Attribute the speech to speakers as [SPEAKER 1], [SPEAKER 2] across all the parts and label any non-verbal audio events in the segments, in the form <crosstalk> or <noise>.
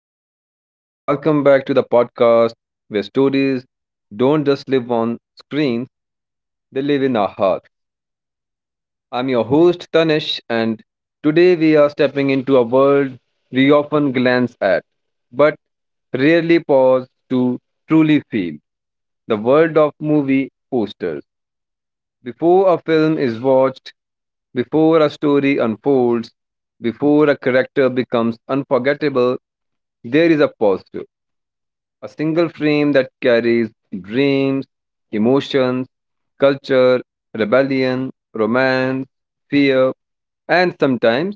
[SPEAKER 1] everyone, and welcome back to the podcast where stories don't just live on screens, they live in our hearts. I'm your host, Tanish, and today we are stepping into a world we often glance at, but rarely pause to truly feel the world of movie posters. Before a film is watched, before a story unfolds, before a character becomes unforgettable, there is a pause. A single frame that carries dreams, emotions, culture, rebellion, romance, fear, and sometimes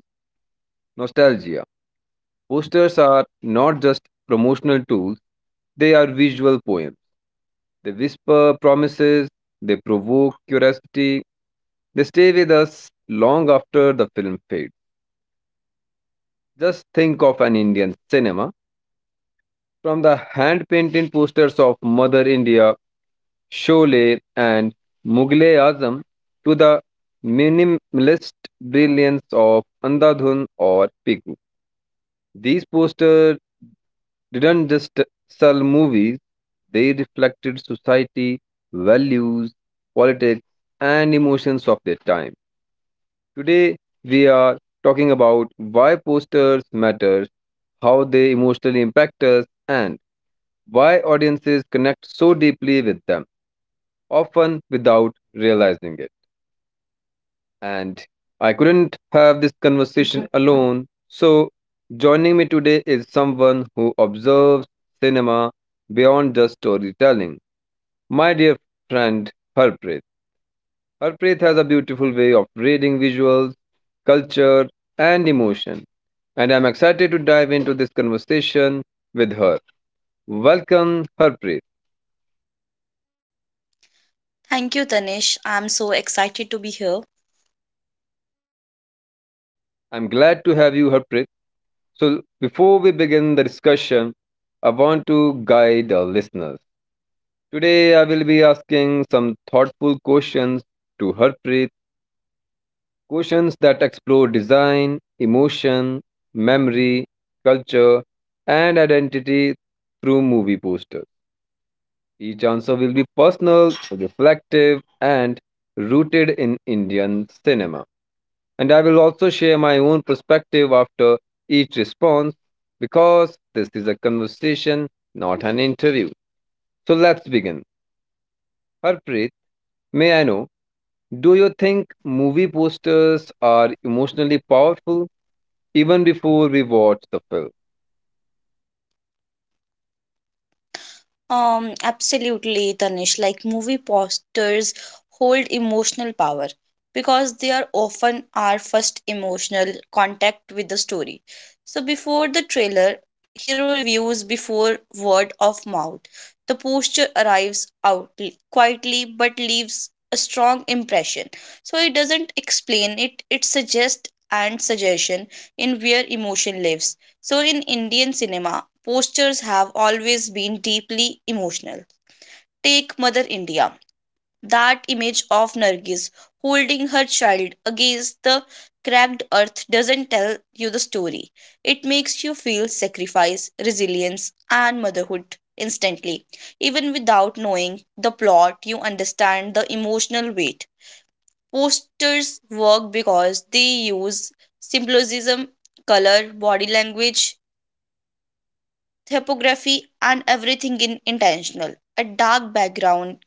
[SPEAKER 1] nostalgia. Posters are not just promotional tools, they are visual poems. They whisper promises, they provoke curiosity, they stay with us long after the film fades. Just think of an Indian cinema, from the hand painted posters of Mother India, Sholay and Mughal Azam to the minimalist brilliance of Andhadhun or Pigu. These posters didn't just sell movies, they reflected society, values, politics, and emotions of their time. Today, we are talking about why posters matter, how they emotionally impact us, and why audiences connect so deeply with them, often without realizing it. And I couldn't have this conversation alone. So, joining me today is someone who observes cinema beyond just storytelling. My dear friend Harpreet. Harpreet has a beautiful way of reading visuals, culture, and emotion, and I'm excited to dive into this conversation with her. Welcome, Harpreet.
[SPEAKER 2] Thank you, Tanish. I'm so excited to be here.
[SPEAKER 1] I'm glad to have you, Harpreet. So, before we begin the discussion, I want to guide our listeners. Today, I will be asking some thoughtful questions to Harpreet, questions that explore design, emotion, memory, culture, and identity through movie posters. Each answer will be personal, reflective, and rooted in Indian cinema. And I will also share my own perspective after each response because this is a conversation, not an interview. So let's begin. Harpreet, may I know, do you think movie posters are emotionally powerful even before we watch the film?
[SPEAKER 2] Absolutely, Tanish. Like movie posters hold emotional power because they are often our first emotional contact with the story. So before the trailer, hero reviews before word of mouth. The poster arrives out quietly but leaves a strong impression. So it doesn't explain it, it suggests and suggestion in where emotion lives. So in Indian cinema, postures have always been deeply emotional. Take Mother India. That image of Nargis holding her child against the cracked earth doesn't tell you the story. It makes you feel sacrifice, resilience, and motherhood instantly. Even without knowing the plot, you understand the emotional weight. Posters work because they use symbolism, color, body language, typography, and everything in intentional. A dark background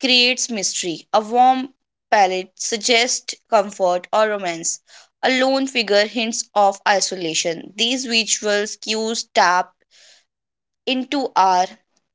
[SPEAKER 2] creates mystery. A warm palette suggests comfort or romance. A lone figure hints of isolation. These visuals cues tap into our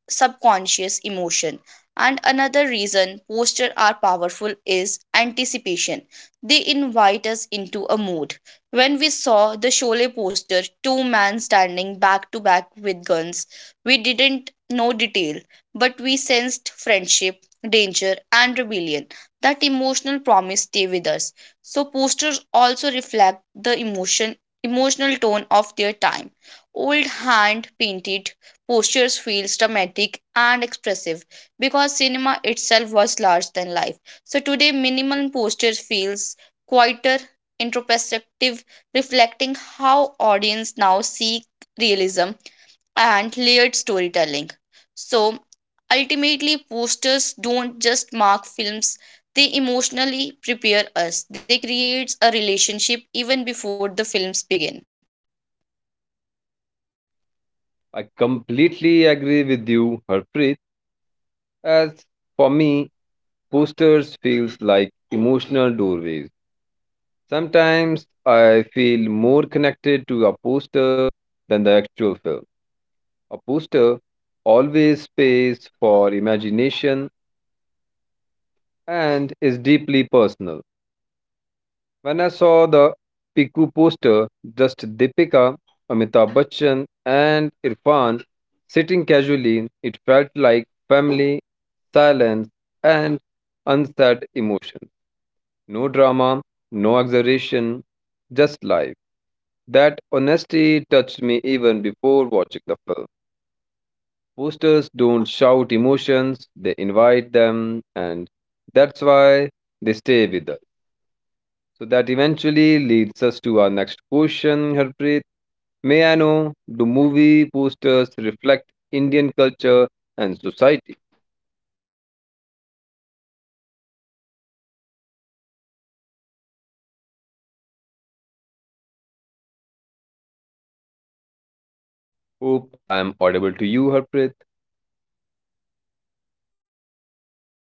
[SPEAKER 2] subconscious emotion. And another reason posters are powerful is anticipation. They invite us into a mood. When we saw the Sholay poster, two men standing back to back with guns, we didn't know detail, but we sensed friendship, danger, and rebellion. That emotional promise stay with us. So posters also reflect the emotional tone of their time. Old hand painted postures feel dramatic and expressive because cinema itself was larger than life. So today, minimal posture feels quieter, introspective, reflecting how audience now seek realism and layered storytelling. So ultimately, posters don't just mark films; they emotionally prepare us. They create a relationship even before the films begin.
[SPEAKER 1] I completely agree with you, Harpreet. As for me, posters feels like emotional doorways. Sometimes I feel more connected to a poster than the actual film. A poster always space for imagination and is deeply personal. When I saw the Piku poster, just Deepika, Amitabh Bachchan and Irfan sitting casually, it felt like family, silence and unsaid emotion. No drama, no exaggeration, just life. That honesty touched me even before watching the film. Posters don't shout emotions, they invite them, and that's why they stay with us. So that eventually leads us to our next question, Harpreet. May I know, do movie posters reflect Indian culture and society?
[SPEAKER 2] Absolutely. Like Indian movies' postures are cultural mirrors. They reflect not just cinema, but who we
[SPEAKER 1] Hope
[SPEAKER 2] are
[SPEAKER 1] I am
[SPEAKER 2] at a
[SPEAKER 1] audible to
[SPEAKER 2] particular
[SPEAKER 1] you,
[SPEAKER 2] moment
[SPEAKER 1] Harpreet.
[SPEAKER 2] in history.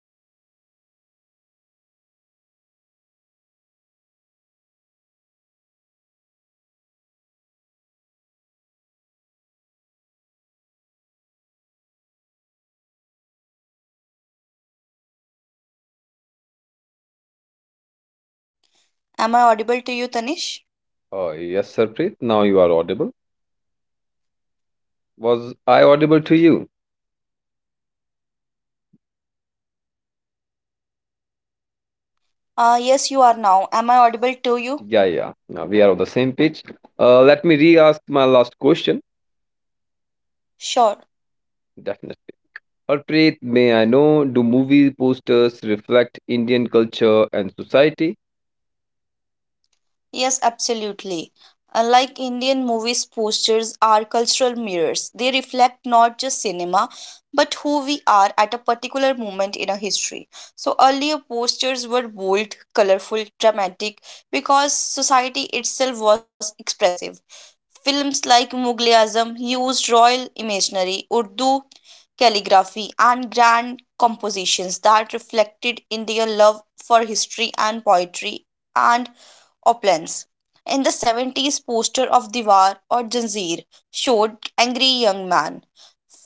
[SPEAKER 2] I hope I'm audible. I hope, Tanish, I'm audible. Am I audible to you, Tanish?
[SPEAKER 1] Yes, Harpreet, now you are audible. Was I audible to you?
[SPEAKER 2] Yes, you are now. Am I audible to you?
[SPEAKER 1] Yeah, yeah. Now we are on the same page. Let me re-ask my last question.
[SPEAKER 2] Sure.
[SPEAKER 1] Definitely. Harpreet, may I know, do movie posters reflect Indian culture and society?
[SPEAKER 2] Yes, absolutely. Unlike Indian movies, posters are cultural mirrors. They reflect not just cinema, but who we are at a particular moment in our history. So earlier posters were bold, colorful, dramatic, because society itself was expressive. Films like Mughal-e-Azam used royal imaginary, Urdu calligraphy, and grand compositions that reflected India's love for history and poetry and opulence. In the 70s, poster of Diwar or Janzeer showed angry young man,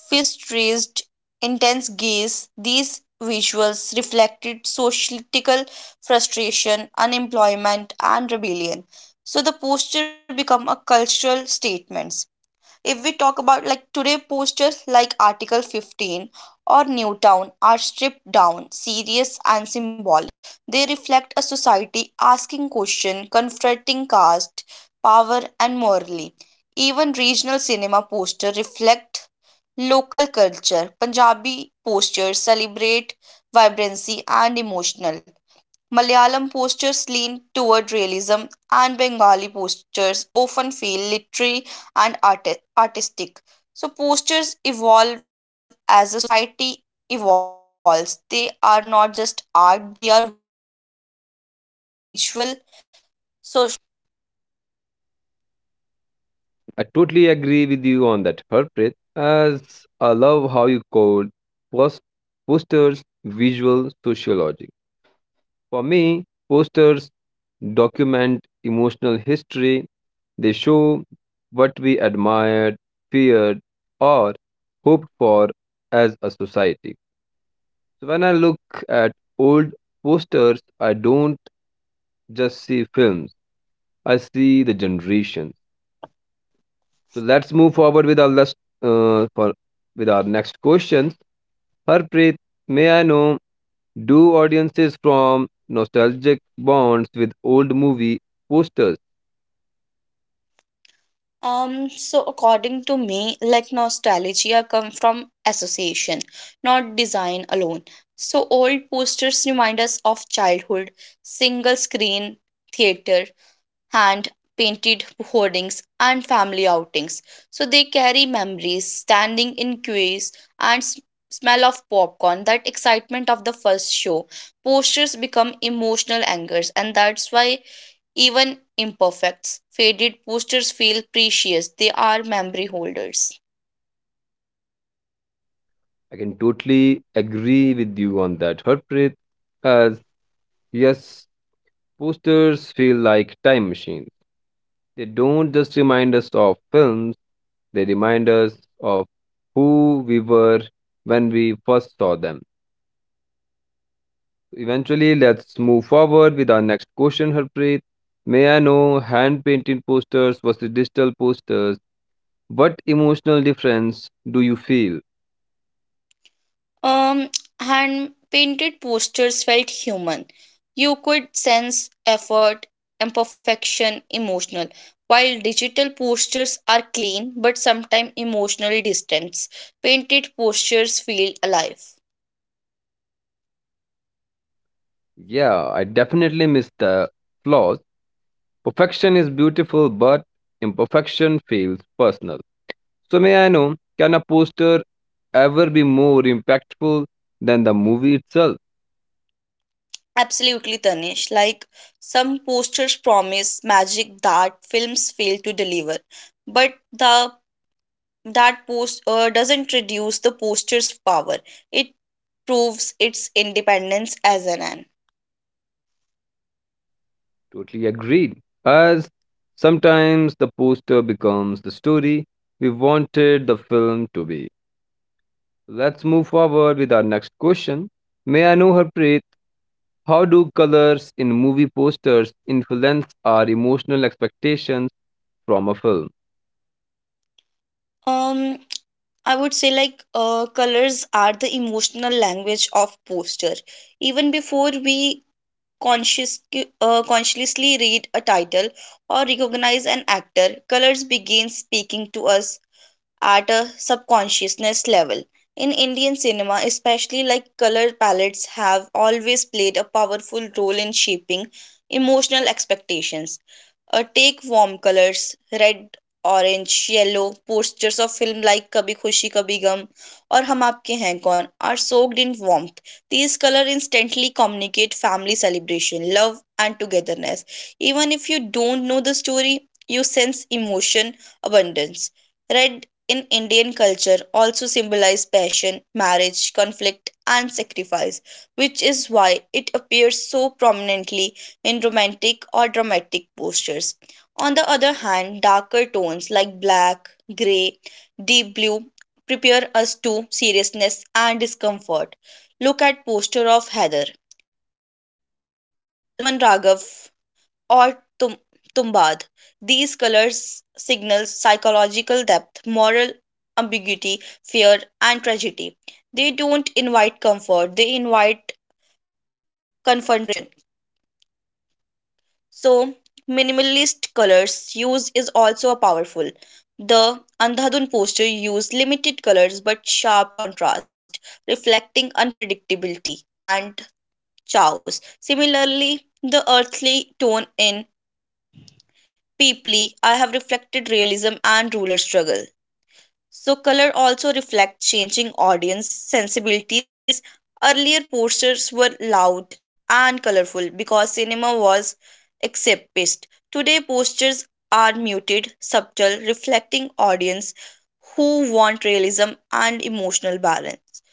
[SPEAKER 2] fist raised, intense gaze. These visuals reflected societal frustration, unemployment, and rebellion. So the poster became a cultural statement if we talk about like today posters like article 15 or newtown are stripped down serious and symbolic. They reflect a society asking question confronting caste power and morally. Even regional cinema posters reflect local culture. Punjabi posters celebrate vibrancy and emotional, Malayalam postures lean toward realism, and Bengali postures often feel literary and artistic. So, postures evolve as a society evolves. They are not just art, they are visual, sociological.
[SPEAKER 1] I totally agree with you on that, Harpreet, as I love how you called post- posters visual sociology. For me, posters document emotional history. They show what we admired, feared, or hoped for as a society. So when I look at old posters, I don't just see films. I see the generations. So let's move forward with our last, for with our next questions. Harpreet, may I know, do audiences from nostalgic bonds with old movie posters?
[SPEAKER 2] So according to me, like nostalgia come from association, not design alone. So old posters remind us of childhood, single screen theater, hand painted hoardings, and family outings. So they carry memories, standing in queues, and smell of popcorn, that excitement of the first show. Posters become emotional anchors, and that's why even imperfects, faded posters feel precious. They are memory holders.
[SPEAKER 1] I can totally agree with you on that, Harpreet. As yes, posters feel like time machines. They don't just remind us of films, they remind us of who we were when we first saw them. Eventually, let's move forward with our next question, Harpreet. May I know, hand painted posters versus digital posters? What emotional difference do you feel?
[SPEAKER 2] Um, <tsk> hand painted posters felt human. You could sense effort, imperfection, emotional. While digital posters are clean but sometimes emotionally distant. Painted posters feel alive.
[SPEAKER 1] Yeah, I definitely miss the flaws. Perfection is beautiful, but imperfection feels personal. So, may I know, can a poster ever be more impactful than the movie itself?
[SPEAKER 2] Absolutely, Tanish. Like some posters promise magic that films fail to deliver, but the that post doesn't reduce the poster's power. It proves its independence as an an.
[SPEAKER 1] Totally agreed. As sometimes the poster becomes the story we wanted the film to be. Let's move forward with our next question. May I know, Harpreet, how do colors in movie posters influence our emotional expectations from a film?
[SPEAKER 2] Um, I would say like colors are the emotional language of poster. Even before we conscious consciously read a title or recognize an actor, colors begin speaking to us at a subconsciousness level. In Indian cinema, especially like color palettes have always played a powerful role in shaping emotional expectations. Take warm colors, red, orange, yellow, posters of film like Kabhi Khushi Kabhi Gum or Hum Aapke Hain Kaun are soaked in warmth. These colors instantly communicate family celebration, love, and togetherness. Even if you don't know the story, you sense emotion abundance. Red in Indian culture also symbolize passion, marriage, conflict, and sacrifice, which is why it appears so prominently in romantic or dramatic postures. On the other hand, darker tones like black, gray, deep blue prepare us to seriousness and discomfort. Look at posture of Heather. Raman Raghav or tum- tumbad. These colors signal psychological depth, moral ambiguity, fear, and tragedy. They don't invite comfort, they invite confrontation. So, minimalist colors use is also a powerful. The Andhadhun poster used limited colors but sharp contrast, reflecting unpredictability and chaos. Similarly, the earthly tone in Deeply, I have reflected realism and ruler struggle. So, color also reflects changing audience sensibilities. Earlier posters were loud and colorful because cinema was escapist. Today, posters are muted, subtle, reflecting audience who want realism and emotional balance.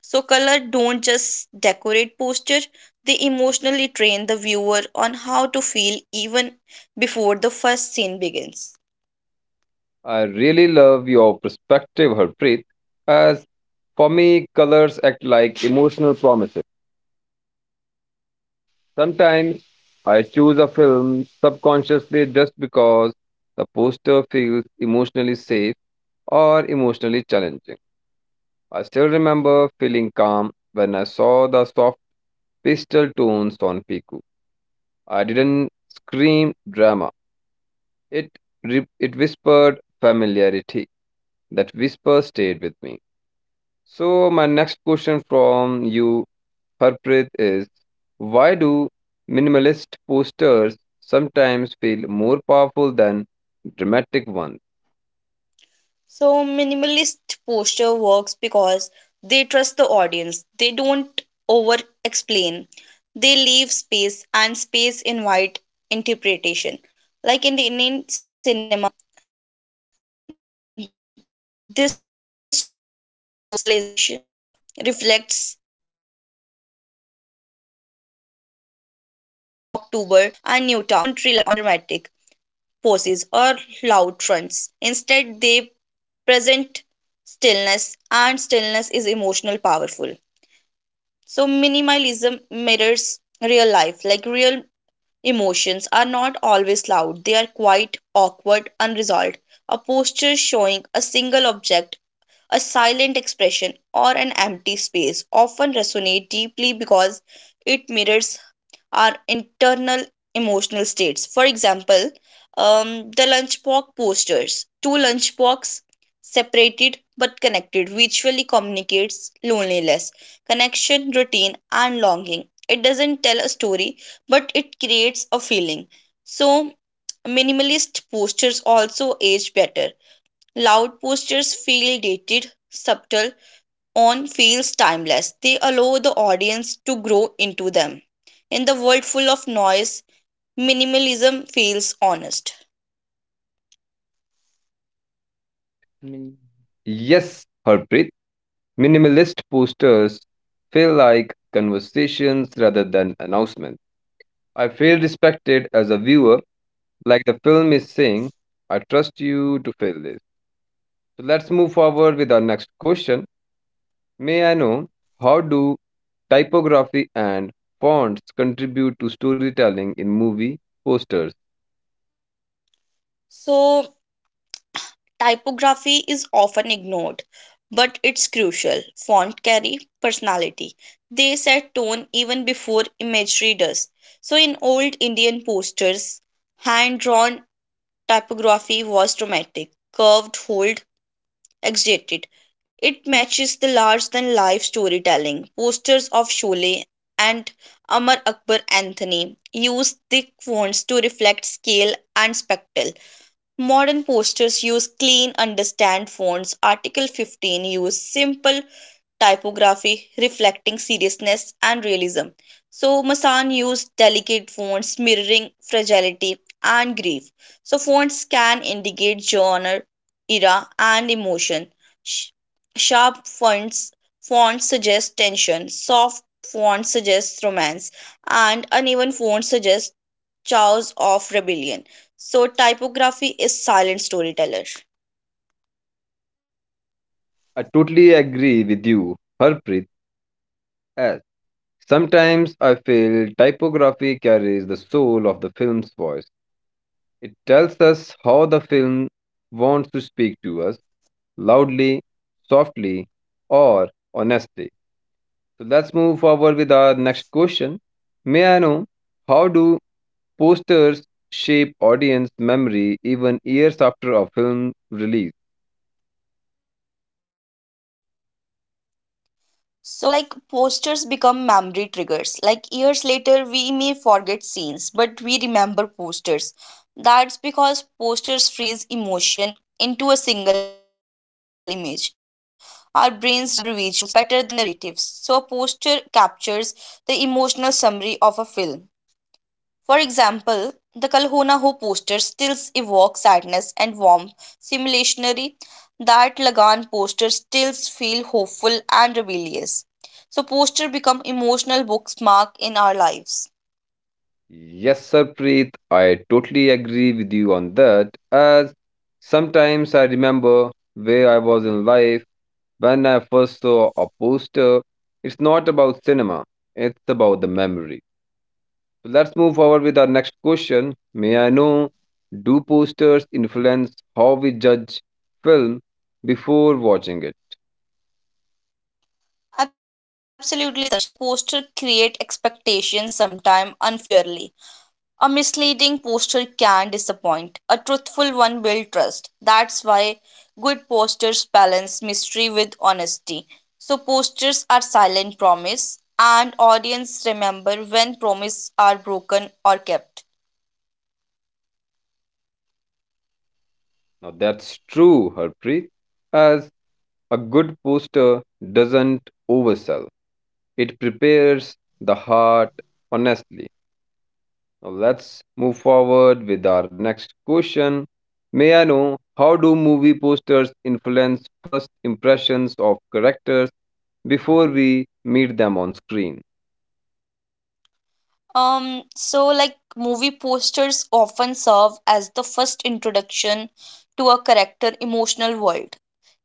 [SPEAKER 2] So, color don't just decorate posters, they emotionally train the viewer on how to feel even before the first scene begins.
[SPEAKER 1] I really love your perspective, Harpreet. As for me, colors act like emotional promises. Sometimes I choose a film subconsciously just because the poster feels emotionally safe or emotionally challenging. I still remember feeling calm when I saw the soft pastel tones on Piku. I didn't scream drama. It it whispered familiarity. That whisper stayed with me. So my next question from you her is, why do minimalist posters sometimes feel more powerful than dramatic ones?
[SPEAKER 2] So, minimalist poster works because they trust the audience, they don't over explain, they leave space and space invite interpretation. Like in the Indian cinema, this shift towards minimalization reflects evolving storytelling posture like lunchbox october and newtown don't rely on dramatic poses or loud fronts. Instead they present stillness and stillness is emotional powerful. So minimalism mirrors real life. Like real emotions are not always loud, they are quite awkward unresolved. A posture showing a single object, a silent expression, or an empty space often resonate deeply because it mirrors our internal emotional states. For example, the lunchbox posters. Two lunchbox separated but connected visually communicates loneliness, connection, routine, and longing. It doesn't tell a story, but it creates a feeling. So, minimalist posters also age better. Loud posters feel dated, subtle on feels timeless. They allow the audience to grow into them. In the world full of noise, minimalism feels honest.
[SPEAKER 1] Yes, Harpreet, minimalist posters feel like conversations rather than announcements. I feel respected as a viewer, like the film is saying, I trust you to fill this. So let's move forward with our next question. May I know, how do typography and fonts contribute to storytelling in movie posters?
[SPEAKER 2] So, typography is often ignored, but it's crucial. Font carry personality. They set tone even before imagery does. So, in old Indian posters, hand drawn typography was dramatic. Curved hold exaggerated. It matches the large than life storytelling. Posters of Sholay and Amar Akbar Anthony use thick fonts to reflect scale and spectacle. Modern posters use clean, understand fonts. Article 15 use simple typography reflecting seriousness and realism. So Masan used delicate fonts mirroring fragility and grief. So fonts can indicate genre, era, and emotion. Sh- sharp fonts suggest tension, soft fonts suggest romance, and uneven fonts suggest chaos of rebellion. So typography is silent storyteller.
[SPEAKER 1] I totally agree with you, Harpreet. As sometimes I feel typography carries the soul of the film's voice. It tells us how the film wants to speak to us, loudly, softly, or honestly. So let's move forward with our next question. May I know, how do posters shape audience memory even years after a film release?
[SPEAKER 2] So, like posters become memory triggers. Like years later, we may forget scenes, but we remember posters. That's because posters freeze emotion into a single image. Our brains remember visuals better than narratives. So, a poster captures the emotional summary of a film. For example, the Kalhona Ho poster still evokes sadness and warmth. Simulationally, that Lagan poster still feel hopeful and rebellious. So poster become emotional bookmark in our lives.
[SPEAKER 1] Yes, Sarpreet, I totally agree with you on that. As sometimes I remember where I was in life when I first saw a poster. It's not about cinema, it's about the memory. So let's move forward with our next question. May I know, do posters influence how we judge film before watching it?
[SPEAKER 2] Absolutely, Tanish. Like poster create expectations sometime unfairly. A misleading poster can disappoint. A truthful one will trust. That's why good posters balance mystery with honesty. So posters are silent promise and audience remember when promises are broken or kept.
[SPEAKER 1] Now that's true, Harpreet, as a good poster doesn't oversell. It prepares the heart honestly. Now let's move forward with our next question. May I know, how do movie posters influence first impressions of characters before we meet them on screen?
[SPEAKER 2] So like movie posters often serve as the first introduction to a character emotional world,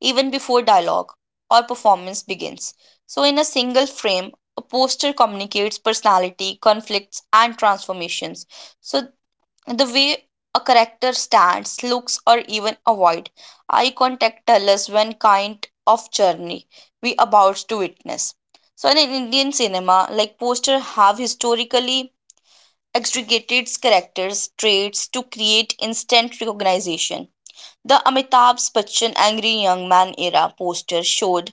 [SPEAKER 2] even before dialogue or performance begins. So in a single frame, a poster communicates personality, conflicts, and transformations. So the way a character stands, looks, or even avoid eye contact tell us when kind of journey we about to witness. So in Indian cinema, like poster have historically extricated characters' traits to create instant recognition. The Amitabh Bachchan Angry Young Man era poster showed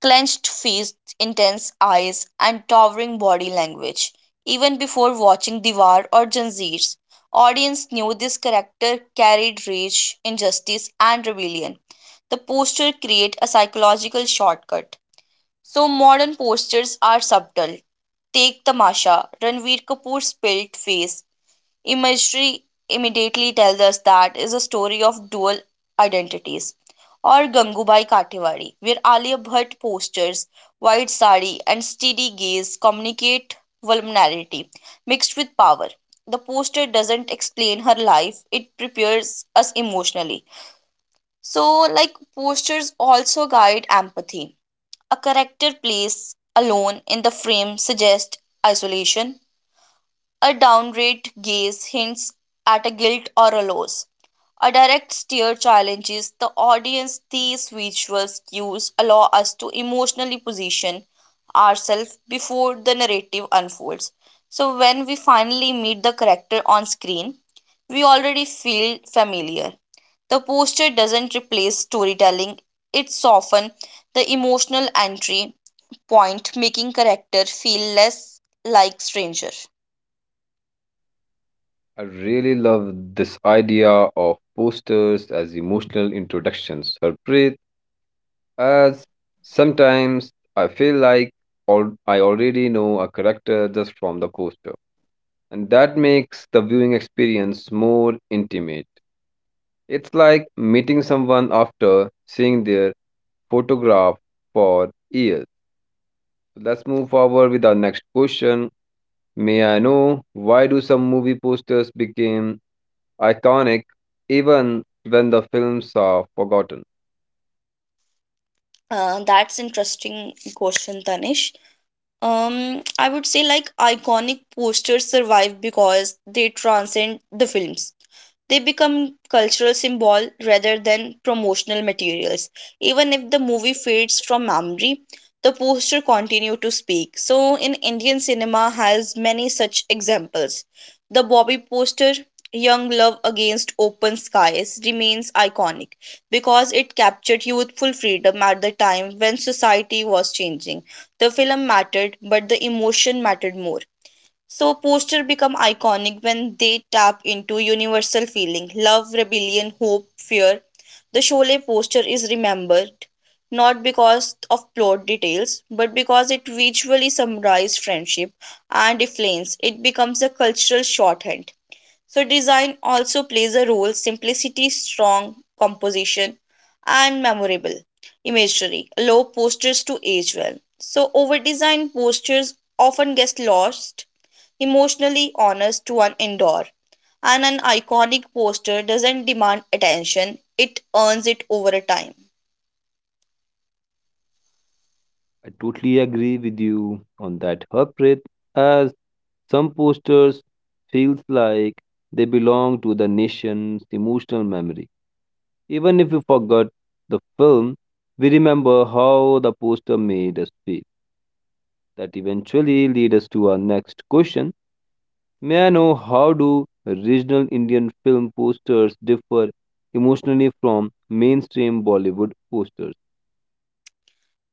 [SPEAKER 2] clenched fists, intense eyes, and towering body language. Even before watching Diwar or Janjeers, audience knew this character carried rage, injustice, and rebellion. The poster create a psychological shortcut. So modern posters are subtle. Take Tamasha, Ranveer Kapoor's spilt face, imagery immediately tells us that is a story of dual identities. Or Gangubai Kathiawadi, where Alia Bhatt postures, white sari, and steady gaze communicate vulnerability mixed with power. The poster doesn't explain her life, it prepares us emotionally. So, like, posters also guide empathy. A character placed alone in the frame suggests isolation, a downrate gaze hints at a guilt or a loss. A direct stare challenges the audience. These visual cues allow us to emotionally position ourselves before the narrative unfolds. So, when we finally meet the character on screen, we already feel familiar. The poster doesn't replace storytelling, it softens the emotional entry point, making character feel less like stranger.
[SPEAKER 1] I really love this idea of posters as emotional introductions, Harpreet. As sometimes I feel like I already know a character just from the poster, and that makes the viewing experience more intimate. It's like meeting someone after seeing their photograph for years. Let's move forward with our next question. May I know, why do some movie posters became iconic even when the films are forgotten?
[SPEAKER 2] That's interesting question, Tanish. I would say like iconic posters survive because they transcend the films. They become cultural symbol rather than promotional materials. Even if the movie fades from memory, the poster continue to speak. So in Indian cinema has many such examples. The Bobby poster Young Love Against Open Skies remains iconic because it captured youthful freedom at the time when society was changing. The film mattered, but the emotion mattered more. So poster become iconic when they tap into universal feeling love, rebellion, hope, fear. The Sholay poster is remembered not because of plot details but because it visually summarizes friendship and influence. It becomes a cultural shorthand. So design also plays a role simplicity, strong composition, and memorable imagery allow posters to age well. So overdesigned posters often get lost, emotionally honest to one endure. And an iconic poster doesn't demand attention, it earns it over a time.
[SPEAKER 1] I totally agree with you on that, Harpreet, as some posters feels like they belong to the nation's emotional memory. Even if we forgot the film, we remember how the poster made us feel. That eventually leads us to our next question. May I know, how do regional Indian film posters differ emotionally from mainstream Bollywood posters?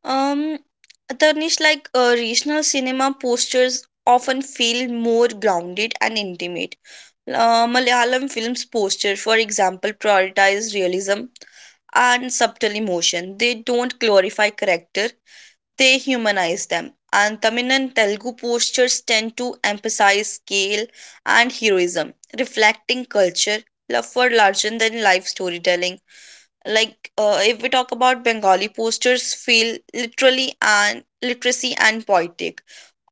[SPEAKER 2] Um, Tarnish, like regional cinema posters often feel more grounded and intimate. Malayalam film's posters, for example, prioritize realism and subtle emotion. They don't glorify character, they humanize them. And Tamil and Telugu postures tend to emphasize scale and heroism, reflecting culture, love for larger than life storytelling. Like if we talk about bengali posters feel literally and literacy and poetic,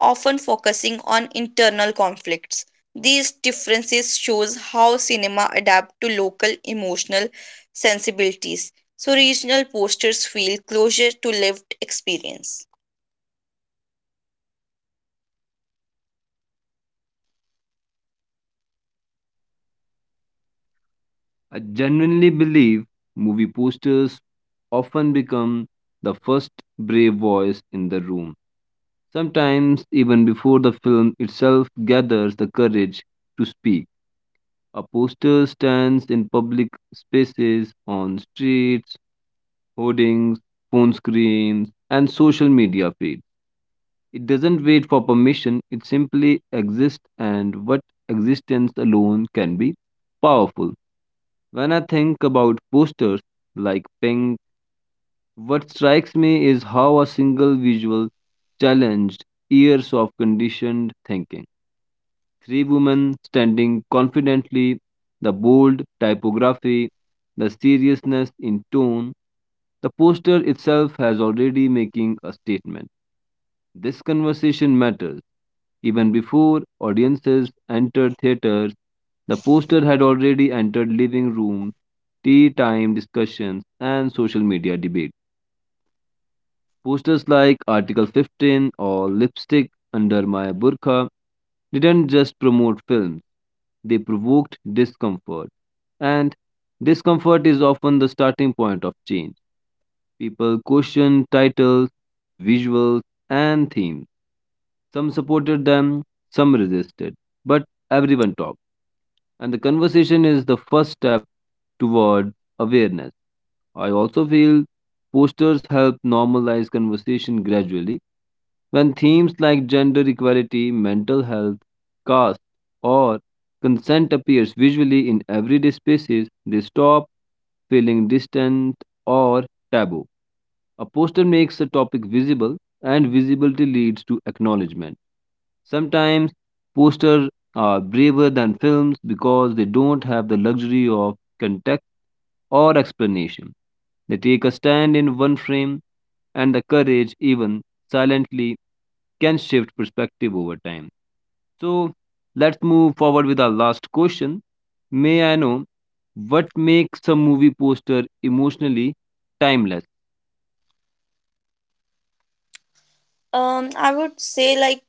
[SPEAKER 2] often focusing on internal conflicts. These differences shows how cinema adapt to local emotional sensibilities. So regional posters feel closer to lived experience.
[SPEAKER 1] I genuinely believe movie posters often become the first brave voice in the room. Sometimes, even before the film itself gathers the courage to speak. A poster stands in public spaces, on streets, hoardings, phone screens, and social media feeds. It doesn't wait for permission, it simply exists, and what existence alone can be powerful. When I think about posters like Pink, what strikes me is how a single visual challenged years of conditioned thinking. Three women standing confidently, the bold typography, the seriousness in tone, the poster itself has already making a statement. This conversation matters. Even before audiences entered theaters, the poster had already entered living rooms, tea time discussions, and social media debates. Posters like Article 15 or Lipstick Under My Burqa didn't just promote films, they provoked discomfort. And discomfort is often the starting point of change. People questioned titles, visuals, and themes. Some supported them, some resisted, but everyone talked. And the conversation is the first step toward awareness. I also feel posters help normalize conversation gradually. When themes like gender equality, mental health, caste, or consent appears visually in everyday spaces, they stop feeling distant or taboo. A poster makes a topic visible, and visibility leads to acknowledgement. Sometimes posters are braver than films because they don't have the luxury of context or explanation. They take a stand in one frame, and the courage, even silently, can shift perspective over time. So let's move forward with our last question. May I know, what makes a movie poster emotionally timeless?
[SPEAKER 2] I would say like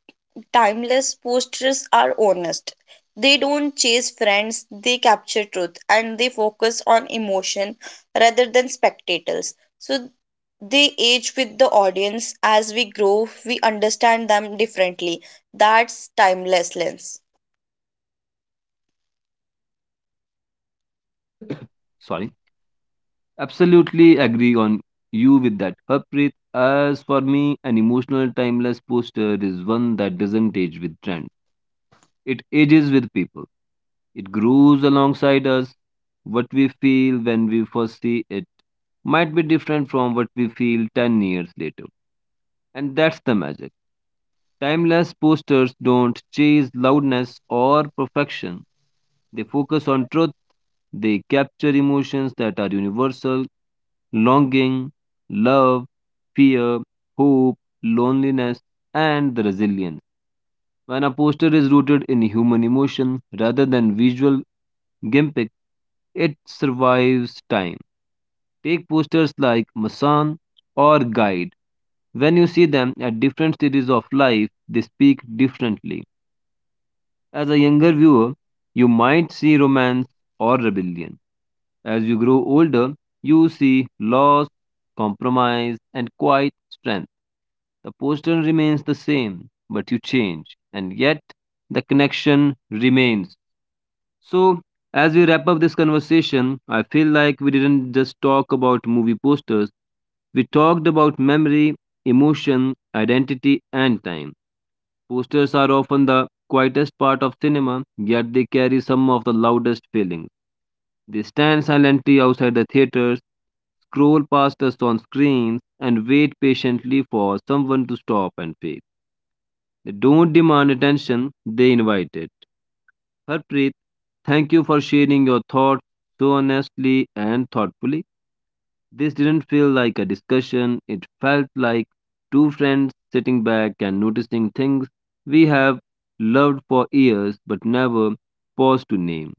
[SPEAKER 2] timeless posters are honest. They don't chase friends, they capture truth and they focus on emotion rather than spectators. So they age with the audience. As we grow, we understand them differently. That's timeless lens.
[SPEAKER 1] Sorry. Absolutely agree on you with that, Harpreet. As for me, an emotional timeless poster is one that doesn't age with trend. It ages with people. It grows alongside us. What we feel when we first see it might be different from what we feel 10 years later. And that's the magic. Timeless posters don't chase loudness or perfection. They focus on truth, they capture emotions that are universal, longing, love, fear, hope, loneliness, and the resilience. When a poster is rooted in human emotion rather than visual Gimpick, it survives time. Take posters like Masan or Guide. When you see them at different stages of life, they speak differently. As a younger viewer, you might see romance or rebellion. As you grow older, you see loss, compromise, and quiet strength. The poster remains the same, but you change, and yet the connection remains. So, as we wrap up this conversation, I feel like we didn't just talk about movie posters, we talked about memory, emotion, identity, and time. Posters are often the quietest part of cinema, yet they carry some of the loudest feelings. They stand silently outside the theaters, scroll past us on screens, and wait patiently for someone to stop and pick. They don't demand attention, they invite it. Harpreet, thank you for sharing your thoughts so honestly and thoughtfully. This didn't feel like a discussion, it felt like two friends sitting back and noticing things we have loved for years but never paused to name.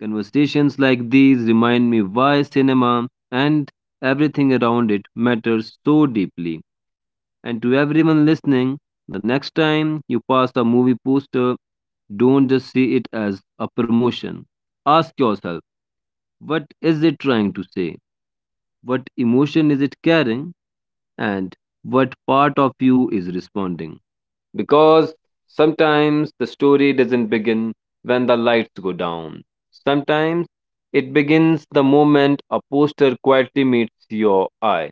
[SPEAKER 1] Conversations like these remind me why cinema and everything around it matters so deeply. And to everyone listening, the next time you pass a movie poster, don't just see it as a promotion. Ask yourself, what is it trying to say? What emotion is it carrying? And what part of you is responding? Because sometimes the story doesn't begin when the lights go down. Sometimes it begins the moment a poster quietly meets your eye.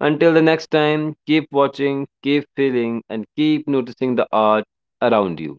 [SPEAKER 1] Until the next time, keep watching, keep feeling, and keep noticing the art around you.